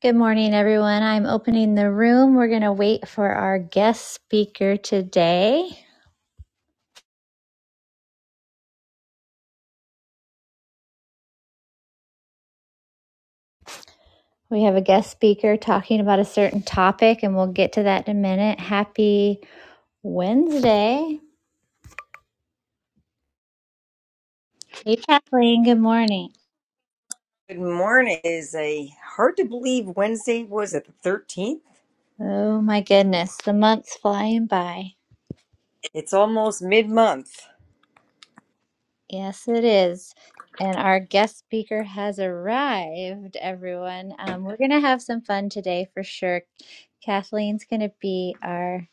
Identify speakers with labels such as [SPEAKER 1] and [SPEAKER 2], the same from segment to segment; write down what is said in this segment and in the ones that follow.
[SPEAKER 1] Good morning, everyone. I'm opening the room. We're going to wait for our guest speaker today. We have a guest speaker talking about a certain topic, and we'll get to that in a minute. Happy Wednesday. Hey, Kathleen. Good morning.
[SPEAKER 2] Good morning. It Is a hard to believe Wednesday was it the thirteenth?
[SPEAKER 1] Oh, my goodness. The month's flying by.
[SPEAKER 2] It's almost mid month,
[SPEAKER 1] Yes, it is. And our guest speaker has arrived, everyone. Um, we're going to have some fun today for sure. Kathleen's going to be our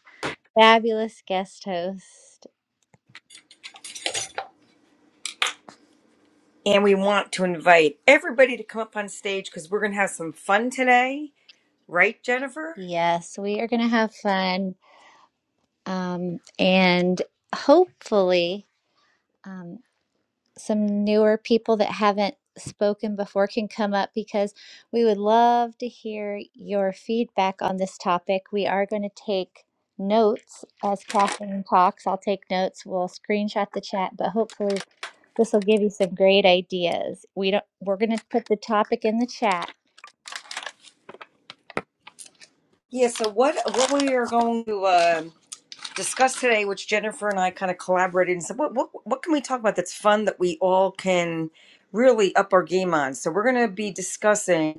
[SPEAKER 1] fabulous guest host.
[SPEAKER 2] and we want to invite everybody to come up on stage because we're going to have some fun today, right, Jennifer?
[SPEAKER 1] Yes, we are going to have fun. Um, and hopefully, um, some newer people that haven't spoken before can come up because we would love to hear your feedback on this topic. We are going to take notes as Catherine talks. I'll take notes. We'll screenshot the chat, but hopefully, this will give you some great ideas. We don't. We're going to put the topic in the chat
[SPEAKER 2] Yeah. So what what we are going to uh, discuss today, which Jennifer and I kind of collaborated and said, what what what can we talk about that's fun that we all can really up our game on? So we're going to be discussing.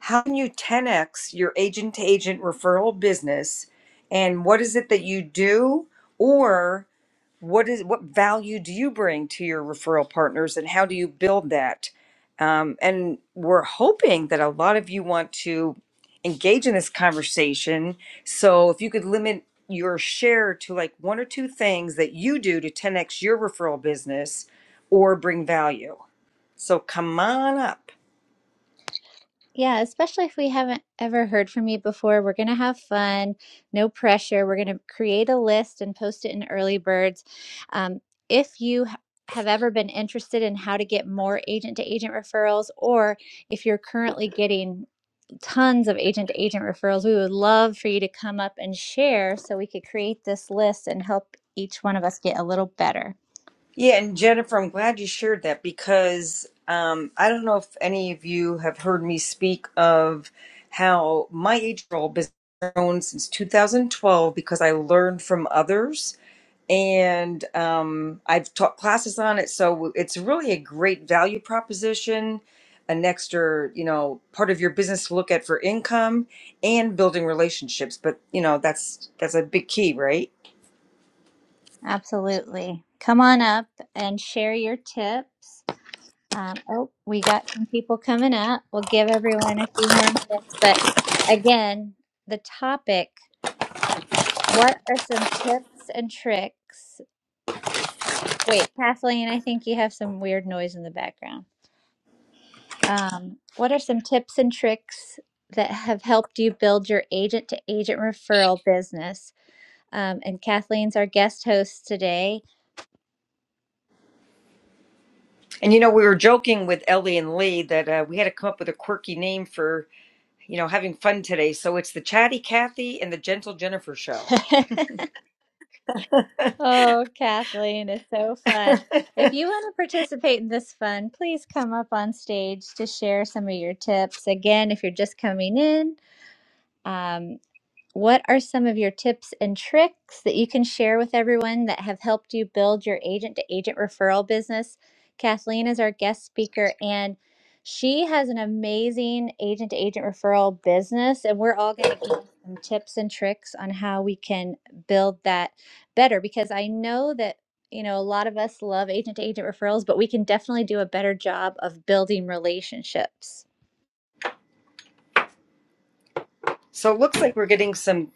[SPEAKER 2] how can you 10x your agent to agent referral business and what is it that you do or what is what value do you bring to your referral partners and how do you build that um, and we're hoping that a lot of you want to engage in this conversation so if you could limit your share to like one or two things that you do to 10x your referral business or bring value so come on up
[SPEAKER 1] Yeah, especially if we haven't ever heard from you before, we're going to have fun, no pressure. We're going to create a list and post it in Early Birds. Um, if you h- have ever been interested in how to get more agent to agent referrals, or if you're currently getting tons of agent to agent referrals, we would love for you to come up and share so we could create this list and help each one of us get a little better.
[SPEAKER 2] Yeah, and Jennifer, I'm glad you shared that because um, I don't know if any of you have heard me speak of how my age role business has grown since 2012 because I learned from others and um, I've taught classes on it. So it's really a great value proposition, an extra, you know, part of your business to look at for income and building relationships. But you know, that's that's a big key, right?
[SPEAKER 1] Absolutely. Come on up and share your tips. Um, oh, we got some people coming up. We'll give everyone a few more minutes. But again, the topic what are some tips and tricks? Wait, Kathleen, I think you have some weird noise in the background. Um, what are some tips and tricks that have helped you build your agent to agent referral business? Um, and Kathleen's our guest host today.
[SPEAKER 2] And you know, we were joking with Ellie and Lee that uh, we had to come up with a quirky name for, you know, having fun today. So it's the Chatty Cathy and the Gentle Jennifer show.
[SPEAKER 1] Oh, Kathleen is so fun. If you want to participate in this fun, please come up on stage to share some of your tips. Again, if you're just coming in, um, what are some of your tips and tricks that you can share with everyone that have helped you build your agent to agent referral business? Kathleen is our guest speaker, and she has an amazing agent to agent referral business. And we're all going to give some tips and tricks on how we can build that better because I know that. You know, a lot of us love agent to agent referrals, but we can definitely do a better job of building relationships.
[SPEAKER 2] So it looks like we're getting some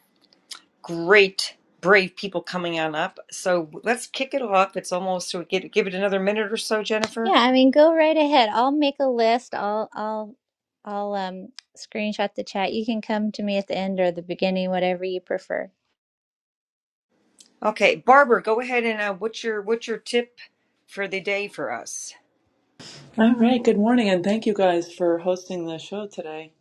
[SPEAKER 2] great, brave people coming on up. So let's kick it off. It's almost so we get give it another minute or so,
[SPEAKER 1] Yeah,
[SPEAKER 2] Jennifer.
[SPEAKER 1] I mean, go right ahead. I'll make a list. I'll I'll I'll um screenshot the chat. You can come to me at the end or the beginning, whatever you prefer.
[SPEAKER 2] Okay, Barbara, go ahead and uh, what's your what's your tip for the day for us?
[SPEAKER 3] All right, good morning, and thank you guys for hosting the show today.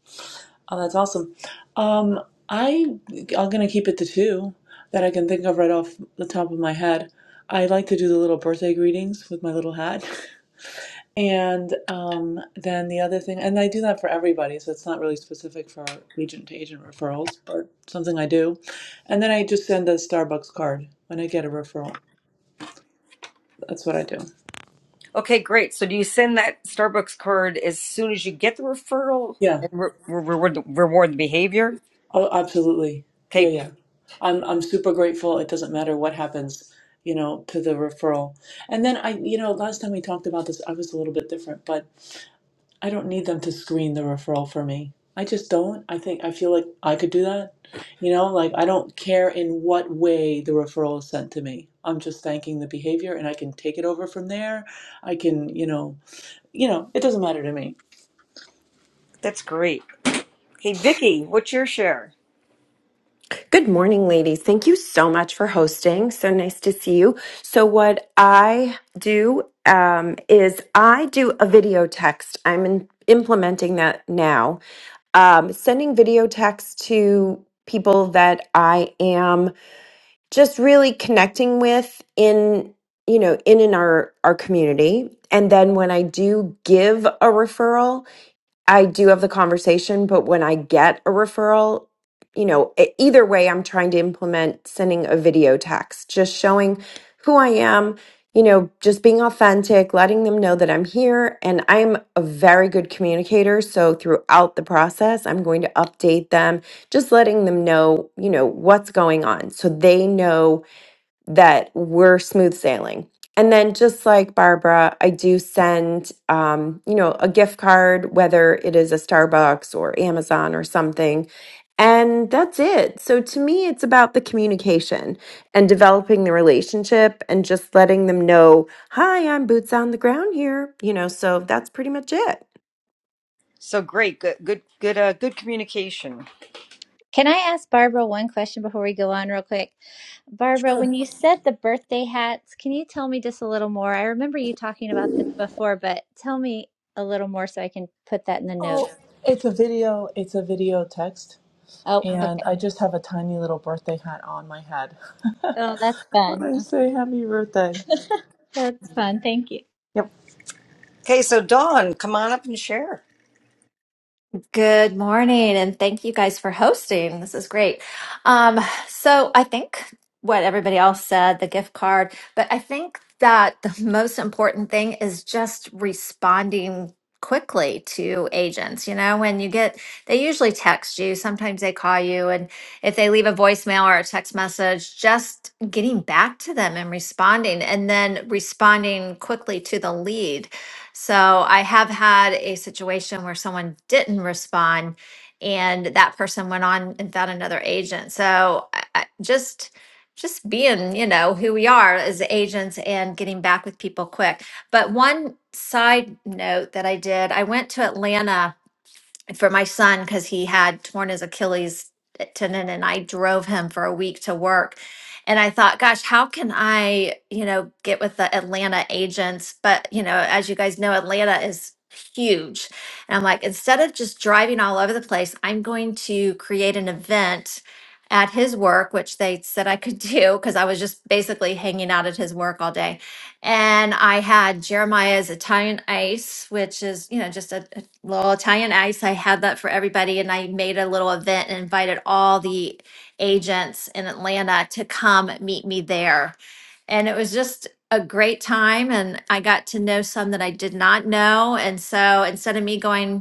[SPEAKER 3] Oh, that's awesome. Um, I I'm gonna keep it to two that I can think of right off the top of my head. I like to do the little birthday greetings with my little hat, and um, then the other thing, and I do that for everybody, so it's not really specific for agent to agent referrals, but something I do. And then I just send a Starbucks card when I get a referral. That's what I do.
[SPEAKER 2] Okay, great. So do you send that Starbucks card as soon as you get the referral
[SPEAKER 3] Yeah.
[SPEAKER 2] and re- re- reward the, reward the behavior?
[SPEAKER 3] Oh, absolutely.
[SPEAKER 2] Okay.
[SPEAKER 3] Yeah, yeah. I'm I'm super grateful. It doesn't matter what happens, you know, to the referral. And then I, you know, last time we talked about this, I was a little bit different, but I don't need them to screen the referral for me. I just don't. I think I feel like I could do that. You know, like I don't care in what way the referral is sent to me. I'm just thanking the behavior and I can take it over from there. I can, you know, you know, it doesn't matter to me.
[SPEAKER 2] That's great. Hey, Vicky, what's your share?
[SPEAKER 4] Good morning, ladies. Thank you so much for hosting. So nice to see you. So, what I do um, is I do a video text. I'm in, implementing that now, um, sending video text to people that I am just really connecting with in you know in in our our community and then when i do give a referral I do have the conversation, but when I get a referral, you know, e- either way, I'm trying to implement sending a video text, just showing who I am, you know, just being authentic, letting them know that I'm here. And I'm a very good communicator. So throughout the process, I'm going to update them, just letting them know, you know, what's going on. So they know that we're smooth sailing. And then just like Barbara, I do send um, you know, a gift card, whether it is a Starbucks or Amazon or something. And that's it. So to me, it's about the communication and developing the relationship and just letting them know, hi, I'm boots on the ground here. You know, so that's pretty much it.
[SPEAKER 2] So great, good, good, good, uh, good communication.
[SPEAKER 1] Can I ask Barbara one question before we go on real quick? Barbara, when
[SPEAKER 3] Sure.
[SPEAKER 1] you said the birthday hats, can you tell me just a little more? I remember you talking about this before, but tell me a little more so I can put that in the
[SPEAKER 3] Oh,
[SPEAKER 1] notes.
[SPEAKER 3] it's a video, it's a video text.
[SPEAKER 1] Oh,
[SPEAKER 3] and
[SPEAKER 1] okay.
[SPEAKER 3] I just have a tiny little birthday hat on my head
[SPEAKER 1] Oh, that's
[SPEAKER 3] when
[SPEAKER 1] fun.
[SPEAKER 3] I say happy birthday.
[SPEAKER 1] That's fun. Thank you.
[SPEAKER 2] Okay, so Dawn, come on up and share.
[SPEAKER 5] Good morning, and thank you guys for hosting. This is great. Um, so I think what everybody else said, the gift card, but I think that the most important thing is just responding quickly to agents. You know, when you get, they usually text you, sometimes they call you, and if they leave a voicemail or a text message, just getting back to them and responding, and then responding quickly to the lead so I have had a situation where someone didn't respond and that person went on and found another agent. So I, I just just being, you know, who we are as agents and getting back with people quick. But one side note that I did, I went to Atlanta for my son because he had torn his Achilles eh, tendon and I drove him for a week to work. And I thought, gosh, how can I, you know, get with the Atlanta agents? But, you know, as you guys know, Atlanta is huge. And I'm like, instead of just driving all over the place, I'm going to create an event at his work, which they said I could do because I was just basically hanging out at his work all day and I had Jeremiah's Italian Ice, which is you know just a well, Italian Ice, I had that for everybody, and I made a little event and invited all the agents in Atlanta to come meet me there. And it was just a great time, and I got to know some that I did not know. And so instead of me going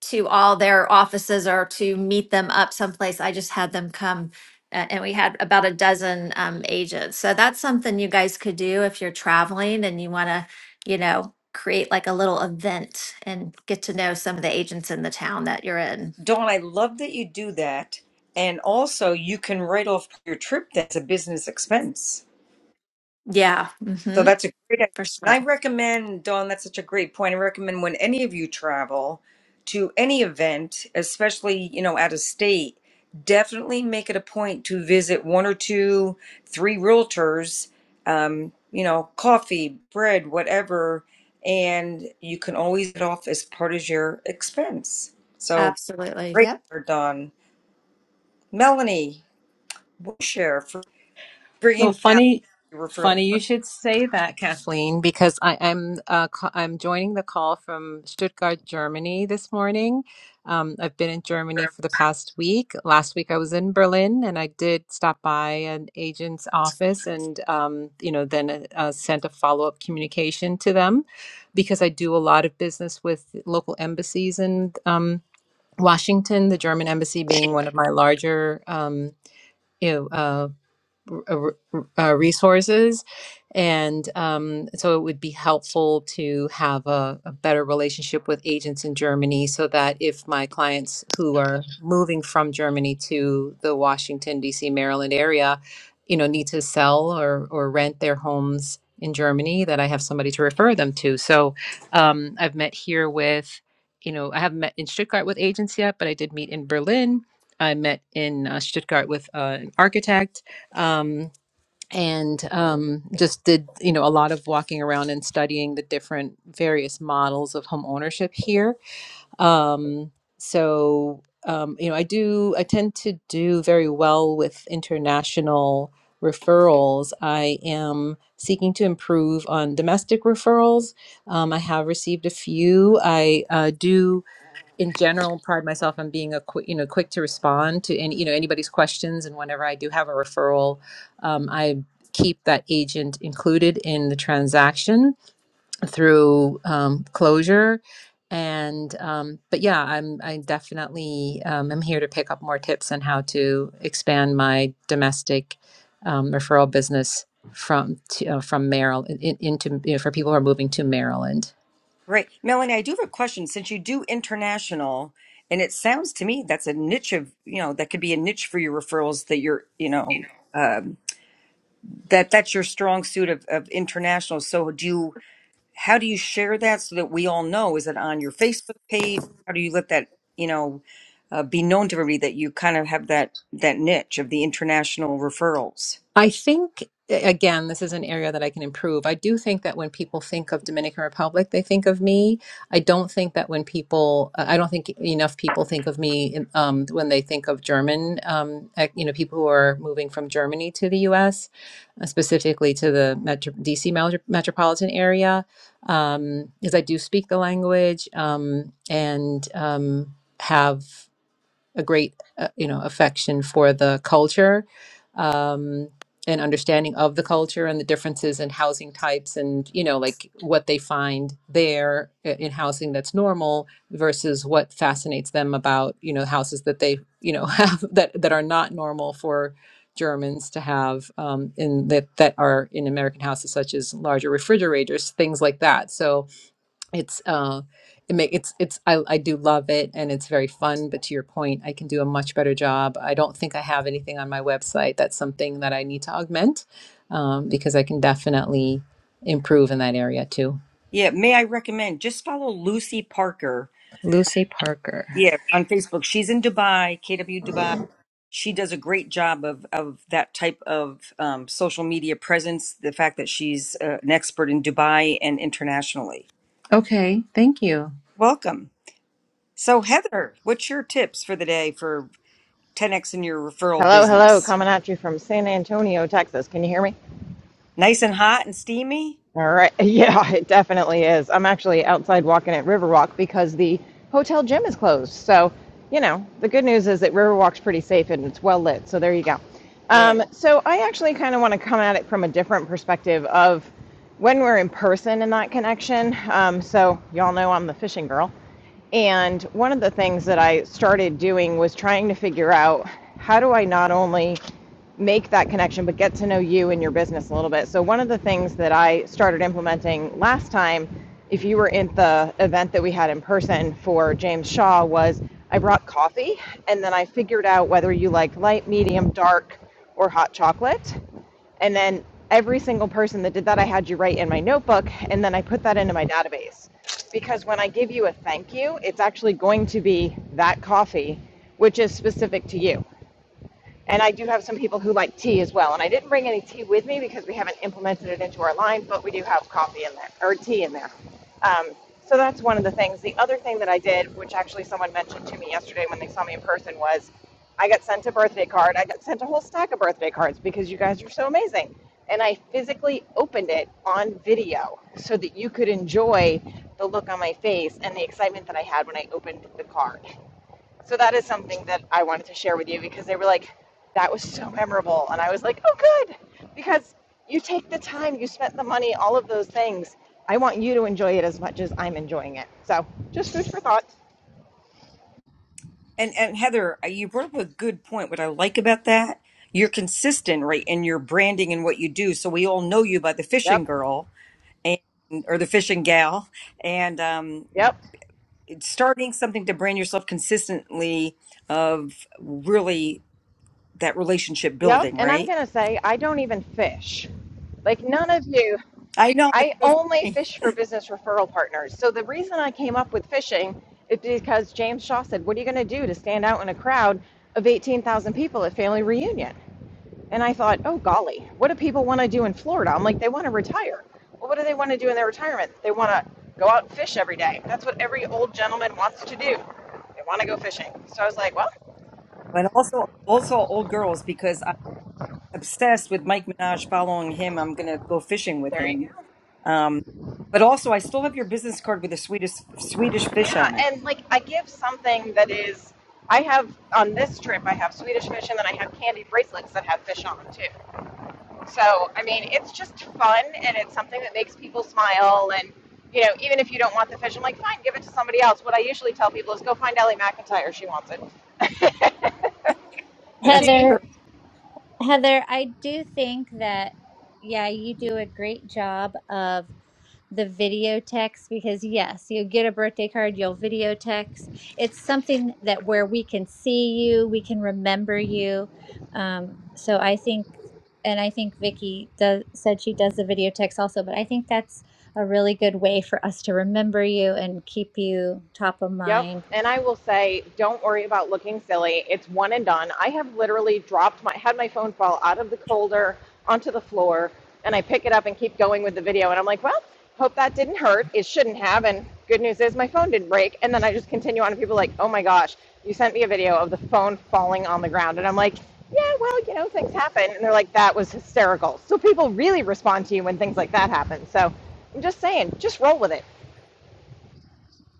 [SPEAKER 5] to all their offices or to meet them up someplace. I just had them come uh, and we had about a dozen um, agents. So that's something you guys could do if you're traveling and you want to, you know, create like a little event and get to know some of the agents in the town that you're in.
[SPEAKER 2] Dawn, I love that you do that. And also, you can write off your trip that's a business expense.
[SPEAKER 5] Yeah.
[SPEAKER 2] So
[SPEAKER 5] hmm
[SPEAKER 2] that's a great idea.
[SPEAKER 5] for
[SPEAKER 2] And
[SPEAKER 5] sure.
[SPEAKER 2] I recommend, Dawn, that's such a great point. I recommend when any of you travel to any event, especially, you know, out of state, definitely make it a point to visit one or two, three realtors, um, you know, coffee, bread, whatever. And you can always get off as part of your expense. So
[SPEAKER 5] Absolutely.
[SPEAKER 2] great,
[SPEAKER 5] Yep.
[SPEAKER 2] Dawn. Melanie, we'll share for
[SPEAKER 6] Well,
[SPEAKER 2] bringing value
[SPEAKER 6] funny,
[SPEAKER 2] to your referral.
[SPEAKER 6] funny you should say that, Kathleen, because I, I'm uh, ca- I'm joining the call from Stuttgart, Germany this morning. Um, I've been in
[SPEAKER 7] for
[SPEAKER 6] Germany for the past week. Last week I was in Berlin, and I did stop by an agent's office, and um, you know, then uh, sent a follow up communication to them because I do a lot of business with local embassies in um, Washington, the German embassy being one of my larger. Um, you know, uh, r- r- uh, resources. And um, so it would be helpful to have a, a better relationship with agents in Germany so that if my clients who are moving from Germany to the Washington, D.C., Maryland area, you know, need to sell or, or rent their homes in Germany, that I have somebody to refer them to. So um, I've met here with, you know, I haven't met in Stuttgart with agents yet, but I did meet in Berlin. I met in uh, Stuttgart with uh, an architect um, and um, just did you know a lot of walking around and studying the different various models of home ownership here um, so um, you know i do i tend to do very well with international referrals i am seeking to improve on domestic referrals um, i have received a few i uh, do in general pride myself on being a quick you know quick to respond to any you know anybody's questions and whenever i do have a referral um, i keep that agent included in the transaction through um, closure and um, but yeah i'm i definitely um, am here to pick up more tips on how to expand my domestic um, referral business from to, uh, from maryland in, into you know, for people who are moving to maryland
[SPEAKER 2] Great. Melanie, I do have a question. Since you do international, and it sounds to me that's a niche of, you know, that could be a niche for your referrals that you're, you know, um, that that's your strong suit of, of international. So do you, how do you share that so that we all know? Is it on your Facebook page? How do you let that, you know, uh, be known to everybody that you kind of have that that niche of the international referrals?
[SPEAKER 6] I think, again, this is an area that I can improve. I do think that when people think of Dominican Republic, they think of me. I don't think that when people, uh, I don't think enough people think of me in- um, when they think of German, um, eh, you know, people who are moving from Germany to the US, uh, specifically to the metro, DC metro, metropolitan area, because I do speak the language um, and um, have a great uh, you know affection for the culture um, and understanding of the culture and the differences in housing types and you know like what they find there i- in housing that's normal versus what fascinates them about you know houses that they you know have that that are not normal for Germans to have um, in that that are in American houses such as larger refrigerators things like that so it's uh it make it's it's I, I do love it and it's very fun but to your point i can do a much better job i don't think i have anything on my website that's something that i need to augment um, because i can definitely improve in that area too
[SPEAKER 2] Yeah, may I recommend just follow Lucy Parker.
[SPEAKER 6] lucy parker
[SPEAKER 2] Yeah, on Facebook. She's in Dubai, KW Dubai. She does a great job of of that type of um, social media presence. The fact that she's uh, an expert in Dubai and internationally.
[SPEAKER 6] okay thank you
[SPEAKER 2] Welcome. So Heather, what's your tips for the day for 10x in your referral
[SPEAKER 8] Hello, hello,
[SPEAKER 2] business.
[SPEAKER 8] coming at you from San Antonio, Texas. Can you hear me?
[SPEAKER 2] Nice and hot and steamy.
[SPEAKER 8] All right. Yeah, it definitely is. I'm actually outside walking at Riverwalk because the hotel gym is closed. So, you know, the good news is that Riverwalk's pretty safe and it's well lit. So, there you go.
[SPEAKER 2] Good.
[SPEAKER 8] Um, so, I actually kind of want to come at it from a different perspective of when we're in person and that connection. Um, so, y'all know I'm the fishing girl. And one of the things that I started doing was trying to figure out how do I not only make that connection but get to know you and your business a little bit. So one of the things that I started implementing last time, if you were in the event that we had in person for James Shaw, was I brought coffee and then I figured out whether you like light, medium, dark, or hot chocolate. And then every single person that did that, I had you write in my notebook, and then I put that into my database. Because when I give you a thank you, it's actually going to be that coffee, which is specific to you. And I do have some people who like tea as well. And I didn't bring any tea with me because we haven't implemented it into our line, but we do have coffee in there or tea in there. Um, so that's one of the things. The other thing that I did, which actually someone mentioned to me yesterday when they saw me in person, was I got sent a birthday card. I got sent a whole stack of birthday cards because you guys are so amazing. And I physically opened it on video so that you could enjoy the look on my face and the excitement that I had when I opened the card. So that is something that I wanted to share with you because they were like, that was so memorable. And I was like, oh, good. Because you take the time, you spent the money, all of those things. I want you to enjoy it as much as I'm enjoying it. So just food for thought.
[SPEAKER 2] And and Heather, uh, you brought up a good point. What I like about that, you're consistent, right, in your branding and what you do. So we all know you by the fishing
[SPEAKER 8] Yep.
[SPEAKER 2] girl and or the fishing gal, and um,
[SPEAKER 8] Yep.
[SPEAKER 2] it's starting something to brand yourself consistently of really that relationship
[SPEAKER 8] Yep.
[SPEAKER 2] building,
[SPEAKER 8] And I'm
[SPEAKER 2] right?
[SPEAKER 8] going to say, I don't even fish. Like, none of you,
[SPEAKER 2] I know that's
[SPEAKER 8] I
[SPEAKER 2] so
[SPEAKER 8] only
[SPEAKER 2] funny,
[SPEAKER 8] fish for business referral partners. So the reason I came up with fishing is because James Shaw said, what are you going to do to stand out in a crowd of 18,000 people at family reunion? And I thought, oh golly, what do people want to do in Florida? I'm like, they want to retire. Well, what do they want to do in their retirement? They want to go out and fish every day. That's what every old gentleman wants to do. They want to go fishing. So I was like, well,
[SPEAKER 2] but also also old girls because obsessed with Mike Minaj following him. I'm going to go fishing with
[SPEAKER 8] there you
[SPEAKER 2] him.
[SPEAKER 8] go.
[SPEAKER 2] Um, but also, I still have your business card with a Swedish Swedish fish
[SPEAKER 8] Yeah.
[SPEAKER 2] on it.
[SPEAKER 8] And like, I give something that is, I have on this trip, I have Swedish fish and then I have candy bracelets that have fish on them too. So, I mean, it's just fun and it's something that makes people smile. And, you know, even if you don't want the fish, I'm like, fine, give it to somebody else. What I usually tell people is go find Ellie McIntyre. She wants it.
[SPEAKER 2] That's
[SPEAKER 1] Heather
[SPEAKER 8] she
[SPEAKER 2] true.
[SPEAKER 1] Heather, I do think that, yeah, you do a great job of the video text because, yes, you get a birthday card, you'll video text. It's something that where we can see you, we can remember you. Um, so I think, and I think Vicky does, said she does the video text also, but I think that's a really good way for us to remember you and keep you top of
[SPEAKER 8] Yep.
[SPEAKER 1] mind.
[SPEAKER 8] And I will say, don't worry about looking silly. It's one and done. I have literally dropped my, had my phone fall out of the holder onto the floor, and I pick it up and keep going with the video. And I'm like, well, hope that didn't hurt. It shouldn't have. And good news is my phone didn't break. And then I just continue on, and people are like, oh my gosh, you sent me a video of the phone falling on the ground. And I'm like, yeah, well, you know, things happen. And they're like, that was hysterical. So people really respond to you when things like that happen. So I'm just saying, just roll with it.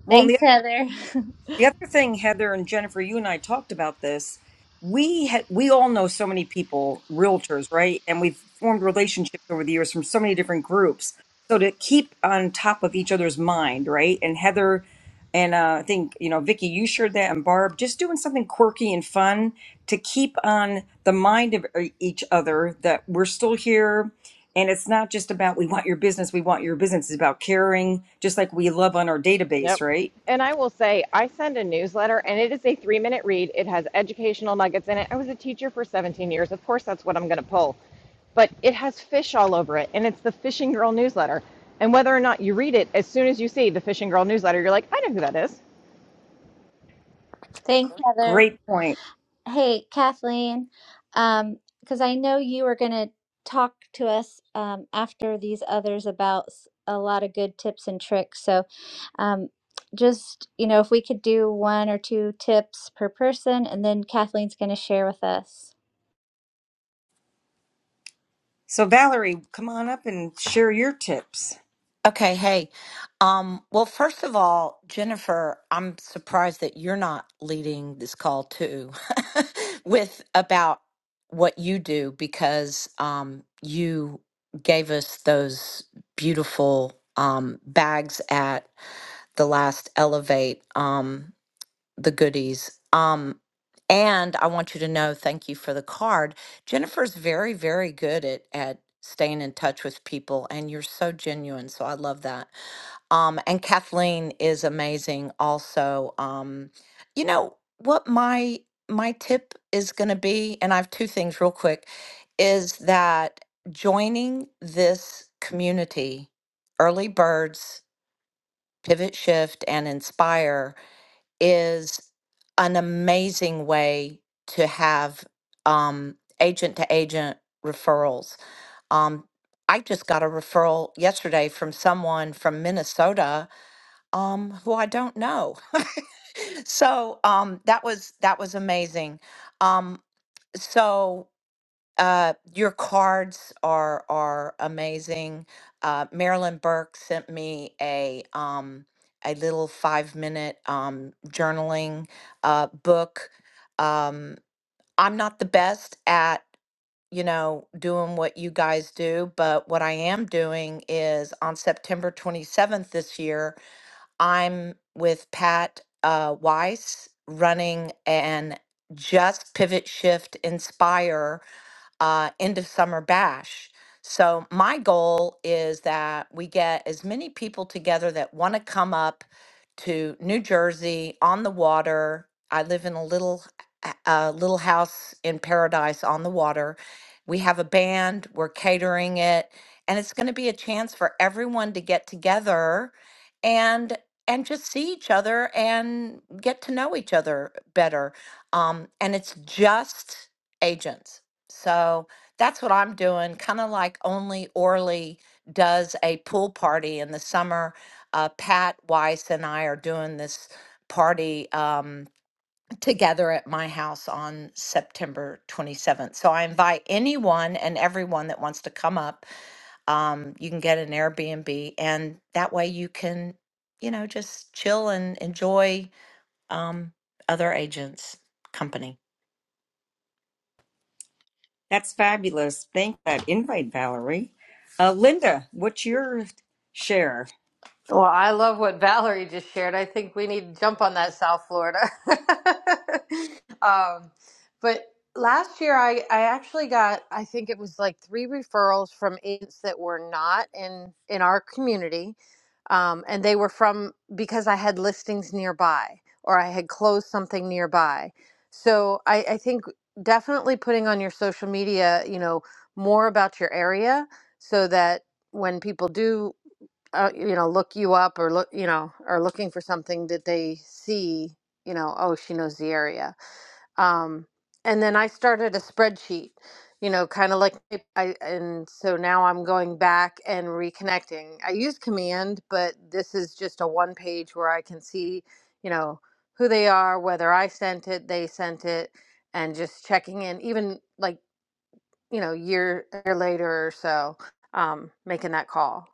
[SPEAKER 2] Well, and the
[SPEAKER 1] Thanks, Heather.
[SPEAKER 2] The other thing, Heather and Jennifer, you and I talked about this. We ha- we all know so many people, realtors, right? And we've formed relationships over the years from so many different groups. So to keep on top of each other's mind, right? And Heather and uh, I think you know Vicky, you shared that, and Barb, just doing something quirky and fun to keep on the mind of e- each other that we're still here. And it's not just about we want your business, we want your business. It's about caring, just like we love on our database,
[SPEAKER 8] Yep.
[SPEAKER 2] right?
[SPEAKER 8] And I will say, I send a newsletter and it is a three minute read. It has educational nuggets in it. I was a teacher for 17 years. Of course, that's what I'm going to pull. But it has fish all over it. And it's the Fishing Girl newsletter. And whether or not you read it, as soon as you see the Fishing Girl newsletter, you're like, I know who that is.
[SPEAKER 1] Thanks, Heather.
[SPEAKER 2] Great point.
[SPEAKER 1] Hey, Kathleen, um, because I know you were going to talk to us um, after these others about s- a lot of good tips and tricks. So, um, just, you know, if we could do one or two tips per person, and then Kathleen's going to share with us.
[SPEAKER 2] So, Valerie, come on up and share your tips.
[SPEAKER 9] Okay, hey. Um, well, first of all, Jennifer, I'm surprised that you're not leading this call too with about what you do because um, you gave us those beautiful um, bags at the last Elevate, um, the goodies. Um, and I want you to know, thank you for the card. Jennifer's very, very good at at staying in touch with people, and you're so genuine. So I love that. Um, and Kathleen is amazing also. Um, you know what my my tip is going to be, and I have two things real quick, is that joining this community, Early Birds, Pivot Shift, and Inspire is an amazing way to have um, agent to agent referrals. Um, I just got a referral yesterday from someone from Minnesota um, who I don't know. So um, that was that was amazing. Um, so uh, your cards are are amazing. Uh, Marilyn Burke sent me a um, a little five minute um, journaling uh, book. Um, I'm not the best at you know doing what you guys do, but what I am doing is on September 27th this year. I'm with Pat uh, Weiss running an Just Pivot Shift Inspire uh, end of summer bash. So, my goal is that we get as many people together that want to come up to New Jersey on the water. I live in a little h- a little house in paradise on the water. We have a band, we're catering it, and it's going to be a chance for everyone to get together and and just see each other and get to know each other better. Um, and it's just agents. So that's what I'm doing, kind of like only Orly does a pool party in the summer. Uh, Pat Weiss and I are doing this party um, together at my house on September 27th. So I invite anyone and everyone that wants to come up. Um, you can get an Airbnb, and that way you can, you know, just chill and enjoy um, other agents' company.
[SPEAKER 2] That's fabulous. Thank that invite, Valerie. Uh, Linda, what's your share?
[SPEAKER 10] Well, I love what Valerie just shared. I think we need to jump on that South Florida. um, but last year, I, I actually got, I think it was like three referrals from agents that were not in, in our community. Um, and they were from because I had listings nearby or I had closed something nearby. So I, I think definitely putting on your social media, you know, more about your area so that when people do uh, you know look you up or look you know are looking for something that they see you know oh she knows the area um, and then i started a spreadsheet you know kind of like I, and so now i'm going back and reconnecting i use command but this is just a one page where i can see you know who they are whether i sent it they sent it and just checking in even like you know year, year later or so um, making that call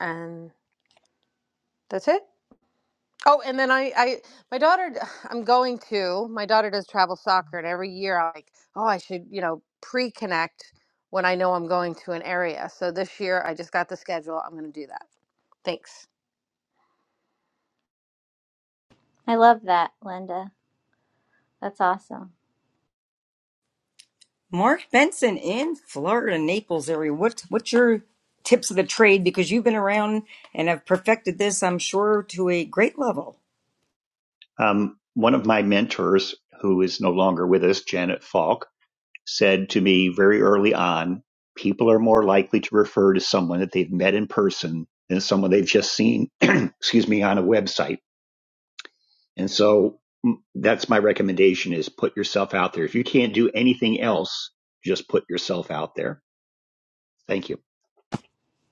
[SPEAKER 10] and that's it Oh, and then I, I, my daughter, i I'm going to, my daughter does travel soccer, and every year I'm like, oh, I should, you know, pre connect when I know I'm going to an area. So this year I just got the schedule. I'm going to do that. Thanks.
[SPEAKER 1] I love that, Linda. That's awesome.
[SPEAKER 2] Mark Benson in Florida, Naples area. What what's your tips of the trade? Because you've been around and have perfected this, I'm sure, to a great level.
[SPEAKER 11] Um, one of my mentors, who is no longer with us, Janet Falk, said to me very early on people are more likely to refer to someone that they've met in person than someone they've just seen, excuse me, on a website. And so mm, that's my recommendation is put yourself out there. If you can't do anything else, just put yourself out there. Thank you.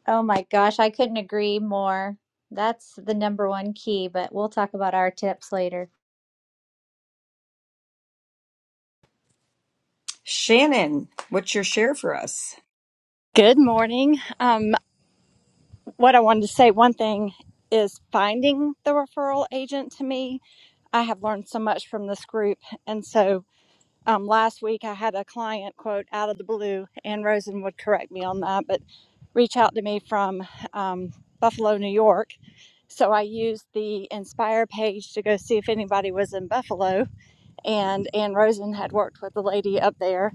[SPEAKER 1] Oh my gosh, I couldn't agree more. That's the number one key, but we'll talk about our tips later.
[SPEAKER 2] Shannon, what's your share for us?
[SPEAKER 12] Good morning. Um, what I wanted to say, one thing is finding the referral agent to me. I have learned so much from this group. And so um, last week I had a client quote out of the blue, and Rosen would correct me on that, but reach out to me from um, Buffalo, New York. So I used the Inspire page to go see if anybody was in Buffalo. And Ann Rosen had worked with the lady up there.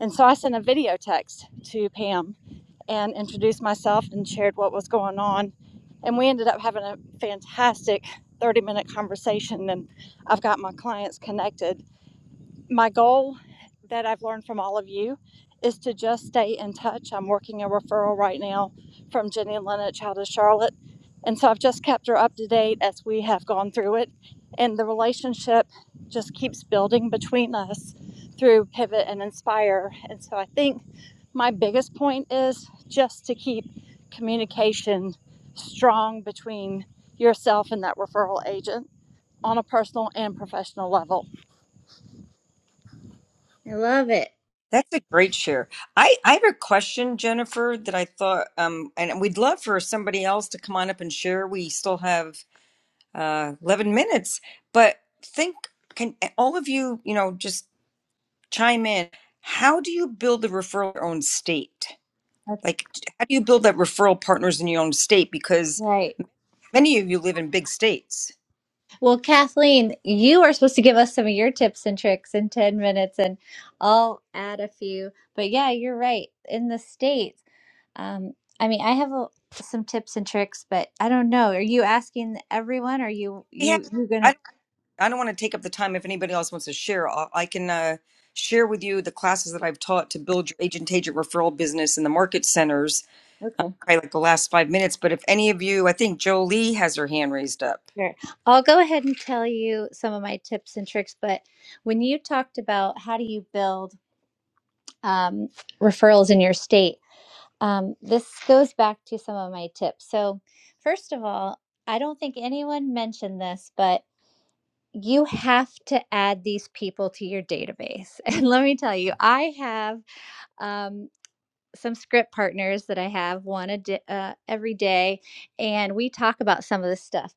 [SPEAKER 12] And so I sent a video text to Pam and introduced myself and shared what was going on. And we ended up having a fantastic 30 minute conversation. And I've got my clients connected my goal that I've learned from all of you is to just stay in touch. I'm working a referral right now from Jenny and Lennox out of Charlotte. And so I've just kept her up to date as we have gone through it. And the relationship just keeps building between us through Pivot and Inspire. And so I think my biggest point is just to keep communication strong between yourself and that referral agent on a personal and professional level
[SPEAKER 1] I love it.
[SPEAKER 2] That's a great share. I, I have a question, Jennifer, that I thought, um, and we'd love for somebody else to come on up and share. We still have uh, 11 minutes. But think, can all of you, you know, just chime in? How do you build a referral in your own state?
[SPEAKER 1] That's
[SPEAKER 2] Like, how do you build that referral partners in your own state? Because
[SPEAKER 1] right.
[SPEAKER 2] many of you live in big states.
[SPEAKER 1] Well, Kathleen, you are supposed to give us some of your tips and tricks in 10 minutes, and I'll add a few. But yeah, you're right. In the States, um, I mean, I have a, some tips and tricks, but I don't know. Are you asking everyone? Or are you
[SPEAKER 2] Yeah,
[SPEAKER 1] you you're
[SPEAKER 2] I
[SPEAKER 1] gonna?
[SPEAKER 2] I don't want to take up the time if anybody else wants to share. I'll, I can uh, share with you the classes that I've taught to build your agent agent referral business in the market centers.
[SPEAKER 1] Okay,
[SPEAKER 2] Probably like the last five minutes. But if any of you, I think Jolie has her hand raised up.
[SPEAKER 1] sure. I'll go ahead and tell you some of my tips and tricks. But when you talked about how do you build um, referrals in your state, Um, this goes back to some of my tips. So, first of all, I don't think anyone mentioned this, but you have to add these people to your database. And let me tell you, I have. Um, some script partners that I have one a di- uh, every day, and we talk about some of this stuff.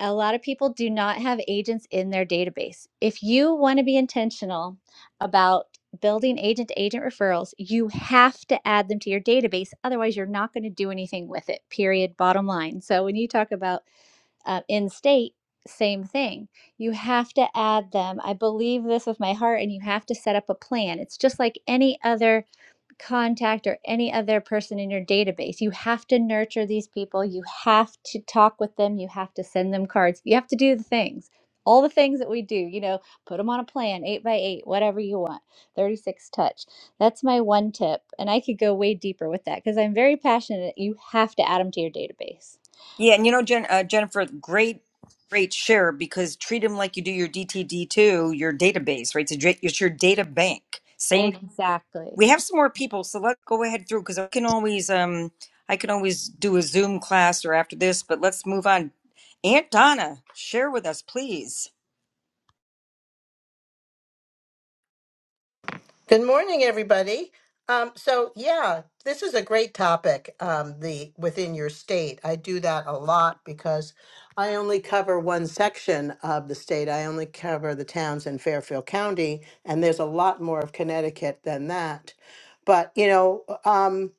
[SPEAKER 1] A lot of people do not have agents in their database. If you want to be intentional about building agent to agent referrals, you have to add them to your database. Otherwise, you're not going to do anything with it, period, bottom line. So, when you talk about uh, in state, same thing. You have to add them. I believe this with my heart, and you have to set up a plan. It's just like any other contact or any other person in your database. You have to nurture these people. You have to talk with them. You have to send them cards. You have to do the things, all the things that we do, you know, put them on a plan, eight by eight, whatever you want, 36 touch. That's my one tip. And I could go way deeper with that because I'm very passionate. You have to add them to your database.
[SPEAKER 2] Yeah, and you know, Jen, uh, Jennifer, great, great share because treat them like you do your DTD two, your database, right? It's, a, dra- it's your data bank. Same.
[SPEAKER 1] Exactly.
[SPEAKER 2] We have some more people, so let's go ahead through because I can always, um, I can always do a Zoom class or after this, but let's move on. Aunt Donna, share with us, please.
[SPEAKER 13] Good morning, everybody. Um, so yeah, this is a great topic. Um, the within your state, I do that a lot because I only cover one section of the state. I only cover the towns in Fairfield County, and there's a lot more of Connecticut than that. But you know, um,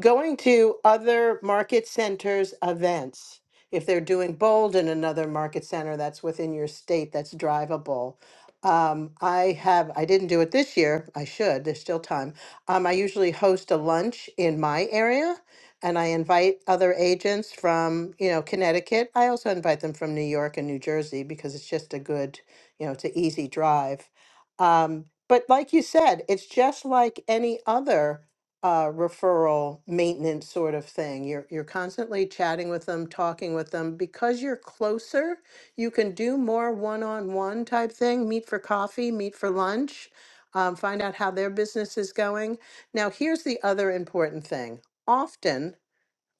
[SPEAKER 13] going to other market centers events, if they're doing bold in another market center that's within your state, that's drivable um, I have, I didn't do it this year. I should, there's still time. Um, I usually host a lunch in my area and I invite other agents from, you know, Connecticut. I also invite them from New York and New Jersey because it's just a good, you know, it's an easy drive. Um, but like you said, it's just like any other uh, referral maintenance sort of thing. You're you're constantly chatting with them, talking with them because you're closer you can do more one-on-one type thing, meet for coffee, meet for lunch, um, find out how their business is going. Now, here's the other important thing. Often,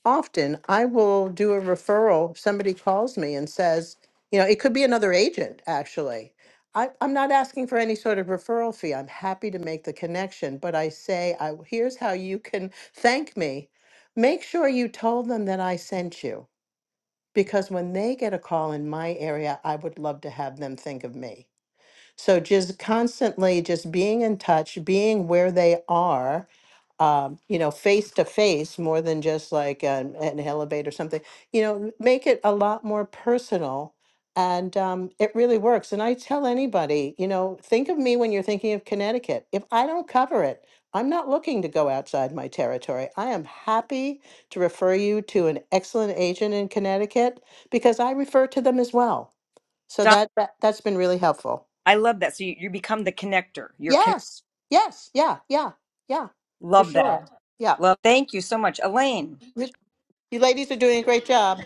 [SPEAKER 13] often I will do a referral. Somebody calls me and says, you know, it could be another agent actually. I, I'm not asking for any sort of referral fee. I'm happy to make the connection, but I say, I, here's how you can thank me. Make sure you told them that I sent you because when they get a call in my area, I would love to have them think of me. So just constantly just being in touch, being where they are um, you know, face to face more than just like an, an elevate or something, you know, make it a lot more personal. And um, it really works. And I tell anybody, you know, think of me when you're thinking of Connecticut. If I don't cover it, I'm not looking to go outside my territory. I am happy to refer you to an excellent agent in Connecticut because I refer to them as well. So
[SPEAKER 2] Donna,
[SPEAKER 13] that, that that's been really helpful.
[SPEAKER 2] I love that. So you, you become the connector. You're con-
[SPEAKER 13] Yes. Yes. Yeah. Yeah. Yeah. For
[SPEAKER 2] love that.
[SPEAKER 13] sure. Yeah.
[SPEAKER 2] Love. Thank you so much, Elaine.
[SPEAKER 13] You ladies are doing a great job.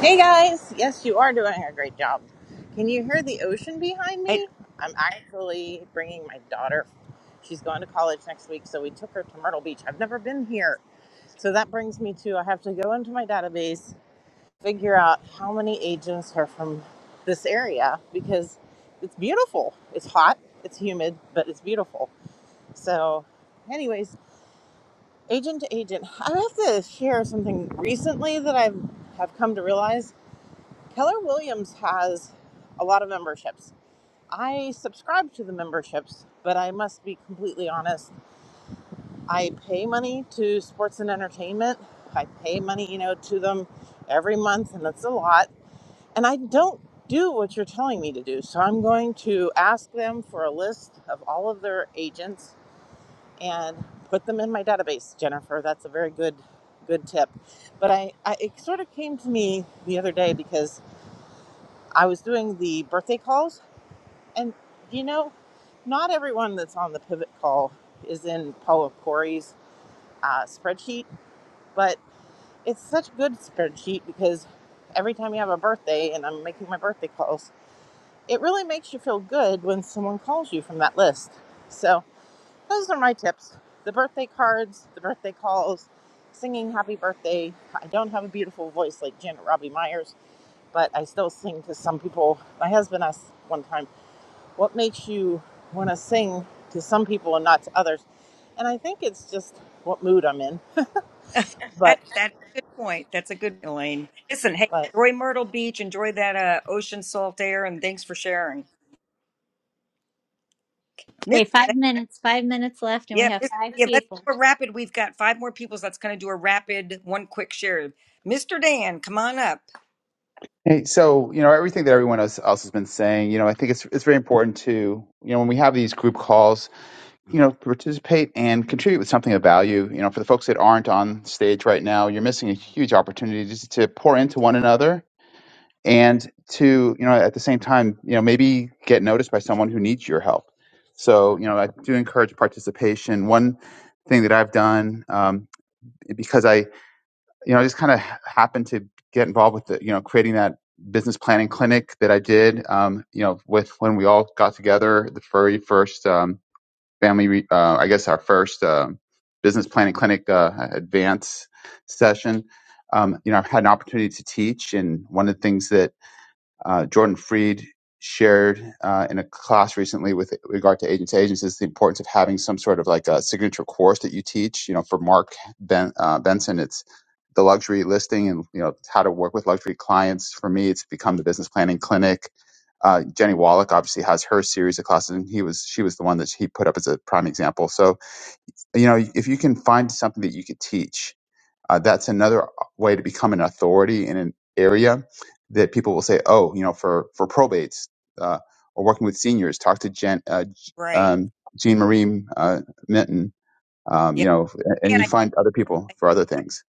[SPEAKER 14] Hey guys! Yes, you are doing a great job. Can you hear the ocean behind me? I'm actually bringing my daughter. She's going to college next week, so we took her to Myrtle Beach. I've never been here. So that brings me to I have to go into my database, figure out how many agents are from this area because it's beautiful. It's hot, it's humid, but it's beautiful. So, anyways, agent to agent, I have to share something recently that I've have come to realize Keller Williams has a lot of memberships. I subscribe to the memberships, but I must be completely honest. I pay money to sports and entertainment. I pay money, you know, to them every month, and it's a lot. And I don't do what you're telling me to do. So I'm going to ask them for a list of all of their agents and put them in my database, Jennifer. That's a very good good tip. But I, I it sort of came to me the other day because I was doing the birthday calls And you know, not everyone that's on the pivot call is in Paula Corey's uh, spreadsheet, but it's such a good spreadsheet because every time you have a birthday, and I'm making my birthday calls, it really makes you feel good when someone calls you from that list. So those are my tips: the birthday cards, the birthday calls, singing happy birthday. I don't have a beautiful voice like Janet Robbie Myers, but I still sing to some people. My husband asked one time. What makes you want to sing to some people and not to others? And I think it's just what mood I'm in.
[SPEAKER 2] That
[SPEAKER 14] But
[SPEAKER 2] that's a good point. That's a good Elaine. Listen, hey,
[SPEAKER 14] but.
[SPEAKER 2] enjoy Myrtle Beach, enjoy that uh, ocean salt air, and thanks for sharing. Miss,
[SPEAKER 1] Okay, five minutes, five minutes left, and
[SPEAKER 2] yeah,
[SPEAKER 1] we have
[SPEAKER 2] Miss,
[SPEAKER 1] five
[SPEAKER 2] yeah. Let's
[SPEAKER 1] people.
[SPEAKER 2] do a rapid. We've got five more people, so that's going to do a rapid, one quick share. Mr. Dan, come on up.
[SPEAKER 15] Hey, so you know everything that everyone else, else has been saying. You know, I think it's it's very important to you know when we have these group calls, you know, participate and contribute with something of value. You know, for the folks that aren't on stage right now, you're missing a huge opportunity just to pour into one another and to you know at the same time, you know, maybe get noticed by someone who needs your help. So you know, I do encourage participation. One thing that I've done um, because I you know, I just kind of happened to get involved with the, you know, creating that business planning clinic that I did, um, you know, with when we all got together, the very first um, family, re- uh, I guess our first um, business planning clinic uh, advance session. Um, you know, I've had an opportunity to teach, and one of the things that uh, Jordan Freed shared uh, in a class recently with regard to agents. Agents is the importance of having some sort of like a signature course that you teach. You know, for Mark ben, uh, Benson, it's the luxury listing and you know how to work with luxury clients. For me, it's become the business planning clinic. Uh, Jenny Wallach obviously has her series of classes, and he was she was the one that he put up as a prime example. So you know, if you can find something that you could teach uh, that's another way to become an authority in an area that people will say, oh, you know, for for probates uh, or working with seniors, talk to Jen, uh, G-
[SPEAKER 2] Right.
[SPEAKER 15] um, Jean Marie uh, Minton. Um, you
[SPEAKER 2] Yeah,
[SPEAKER 15] know, and
[SPEAKER 2] Dan.
[SPEAKER 15] you
[SPEAKER 2] I,
[SPEAKER 15] find other people for other
[SPEAKER 2] I
[SPEAKER 15] things.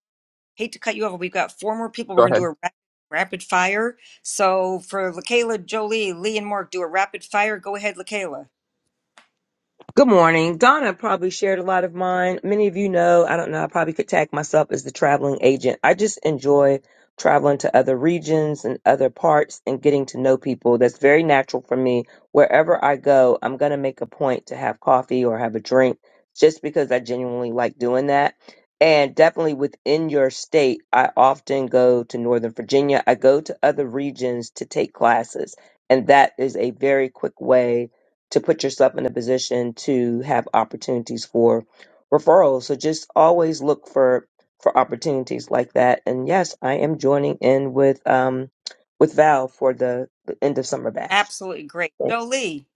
[SPEAKER 2] hate to cut you off. but We've got four more people. We're
[SPEAKER 15] Go
[SPEAKER 2] going to
[SPEAKER 15] ahead.
[SPEAKER 2] do a rapid, rapid fire. So for Lakayla, Jolie, Lee, and Mark, do a rapid fire. Go ahead, Lakayla.
[SPEAKER 16] Good morning. Donna probably shared a lot of mine. Many of you know, I don't know, I probably could tag myself as the traveling agent. I just enjoy traveling to other regions and other parts and getting to know people. That's very natural for me. Wherever I go, I'm going to make a point to have coffee or have a drink just because I genuinely like doing that. And definitely within your state, I often go to Northern Virginia. I go to other regions to take classes. And that is a very quick way to put yourself in a position to have opportunities for referrals. So just always look for for opportunities like that. And yes, I am joining in with um with Val for the, the end of summer bash.
[SPEAKER 2] Absolutely great.
[SPEAKER 16] Thank-
[SPEAKER 2] Jolie.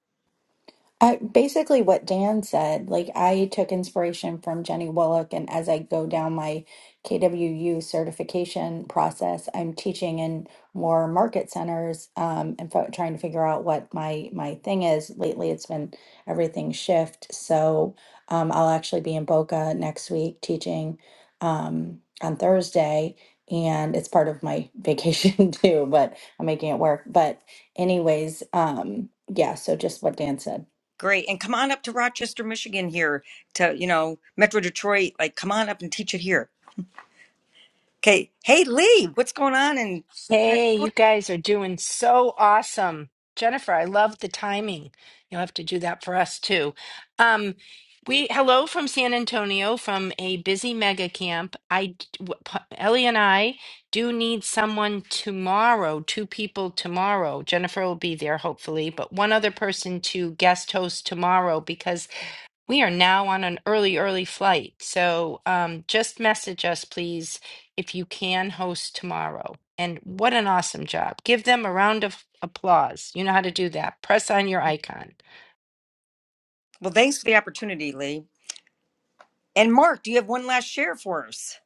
[SPEAKER 17] I, basically, what Dan said, like I took inspiration from Jenny Willock, and as I go down my KWU certification process, I'm teaching in more market centers um, and f- trying to figure out what my my thing is. Lately, it's been everything shift, so um, I'll actually be in Boca next week teaching um, on Thursday, and it's part of my vacation too. But I'm making it work. But anyways, um, yeah. So just what Dan said.
[SPEAKER 2] Great. And come on up to Rochester, Michigan here to, you know, Metro Detroit. Like, come on up and teach it here. Okay. Hey, Lee, what's going on? And, and
[SPEAKER 18] Hey, you guys are doing so awesome. Jennifer, I love the timing. You'll have to do that for us too. Um, we hello from San Antonio from a busy mega camp. I w- P- Ellie and I do need someone tomorrow, two people tomorrow. Jennifer will be there hopefully, but one other person to guest host tomorrow because we are now on an early, early flight. So um, just message us, please, if you can host tomorrow. And what an awesome job. Give them a round of applause. You know how to do that. Press on your icon.
[SPEAKER 2] well, thanks for the opportunity, Lee. And Mark, do you have one last share for us?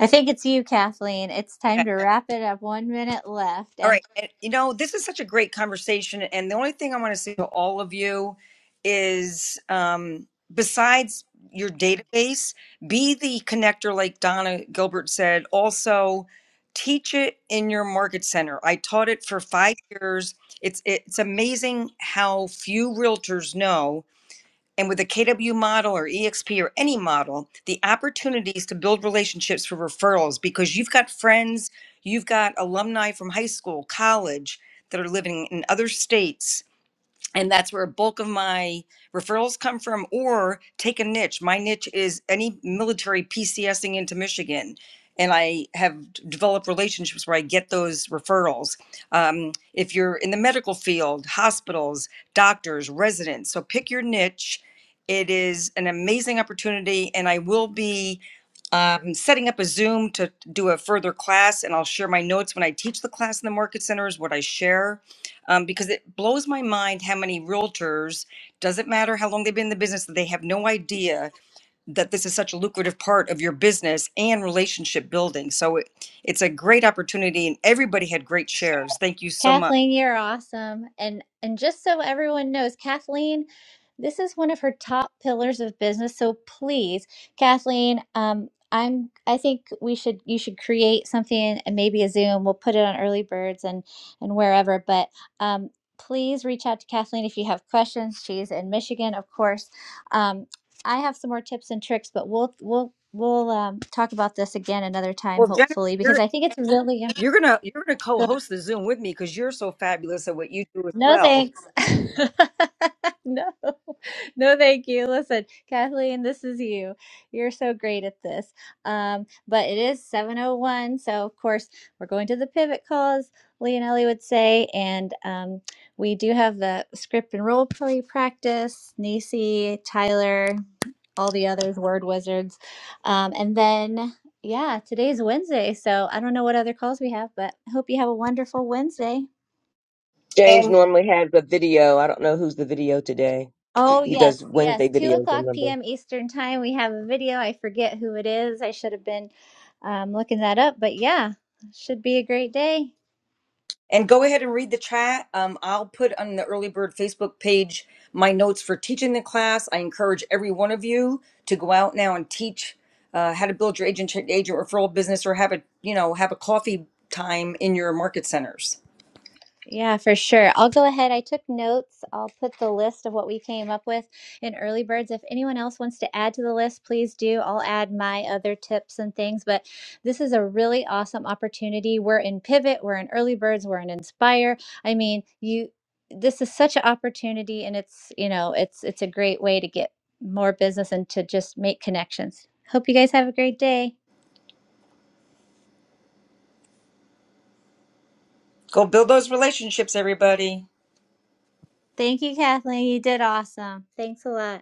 [SPEAKER 1] I think it's you, Kathleen. It's time to wrap it up. One minute left.
[SPEAKER 2] All
[SPEAKER 1] And
[SPEAKER 2] right. And, you know, this is such a great conversation. And the only thing I want to say to all of you is um, besides your database, be the connector, like Donna Gilbert said. Also, teach it in your market center. I taught it for five years. It's, it's amazing how few realtors know and with the KW model or EXP or any model, the opportunities to build relationships for referrals because you've got friends, you've got alumni from high school, college that are living in other states and that's where a bulk of my referrals come from or take a niche my niche is any military pcsing into michigan and i have d- developed relationships where i get those referrals um, if you're in the medical field hospitals doctors residents so pick your niche it is an amazing opportunity and i will be um, setting up a zoom to do a further class and i'll share my notes when i teach the class in the market centers what i share um, because it blows my mind how many realtors doesn't matter how long they've been in the business they have no idea that this is such a lucrative part of your business and relationship building so it, it's a great opportunity and everybody had great shares thank you so much
[SPEAKER 1] Kathleen, you're awesome. And and just so everyone knows, Kathleen, this is one of her top pillars of business. So please, Kathleen, um, I'm I think we should you should create something and maybe a Zoom. We'll put it on early birds and and wherever. But um please reach out to Kathleen if you have questions. She's in Michigan, of course. Um, I have some more tips and tricks, but we'll we'll we'll um, talk about this again another time,
[SPEAKER 2] well jennifer
[SPEAKER 1] hopefully, because
[SPEAKER 2] you're
[SPEAKER 1] I think it's really
[SPEAKER 2] you're gonna you're gonna co-host the zoom with me because you're so fabulous at what you do as
[SPEAKER 1] No
[SPEAKER 2] well
[SPEAKER 1] thanks. no, no, thank you. Listen, Kathleen, this is you. You're so great at this. Um, but it is 701. So, of course, we're going to the pivot calls, Leonelli would say. And um, we do have the script and role play practice, Nisi, Tyler, all the others, word wizards. Um, and then, yeah, today's Wednesday. So, I don't know what other calls we have, but hope you have a wonderful Wednesday.
[SPEAKER 16] James
[SPEAKER 2] And.
[SPEAKER 16] normally has a video. I don't know who's the video today. He,
[SPEAKER 1] Oh,
[SPEAKER 16] he
[SPEAKER 1] yes,
[SPEAKER 16] does Wednesday
[SPEAKER 1] yes. 2
[SPEAKER 16] videos, I
[SPEAKER 1] o'clock
[SPEAKER 16] remember.
[SPEAKER 1] p.m. Eastern Time. We have a video. I forget who it is. I should have been um, looking that up, but yeah, should be a great day.
[SPEAKER 2] And go ahead and read the chat. Um, I'll put on the Early Bird Facebook page my notes for teaching the class. I encourage every one of you to go out now and teach uh, how to build your agent agent referral business, or have a you know have a coffee time in your market centers.
[SPEAKER 1] Yeah, for sure. I'll go ahead. I took notes. I'll put the list of what we came up with in early birds. If anyone else wants to add to the list, please do. I'll add my other tips and things. But this is a really awesome opportunity. We're in Pivot, we're in early birds, we're in Inspire. I mean, you this is such an opportunity and it's, you know, it's it's a great way to get more business and to just make connections. Hope you guys have a great day.
[SPEAKER 2] Go build those relationships, everybody.
[SPEAKER 1] Thank you, Kathleen. You did awesome. Thanks a lot.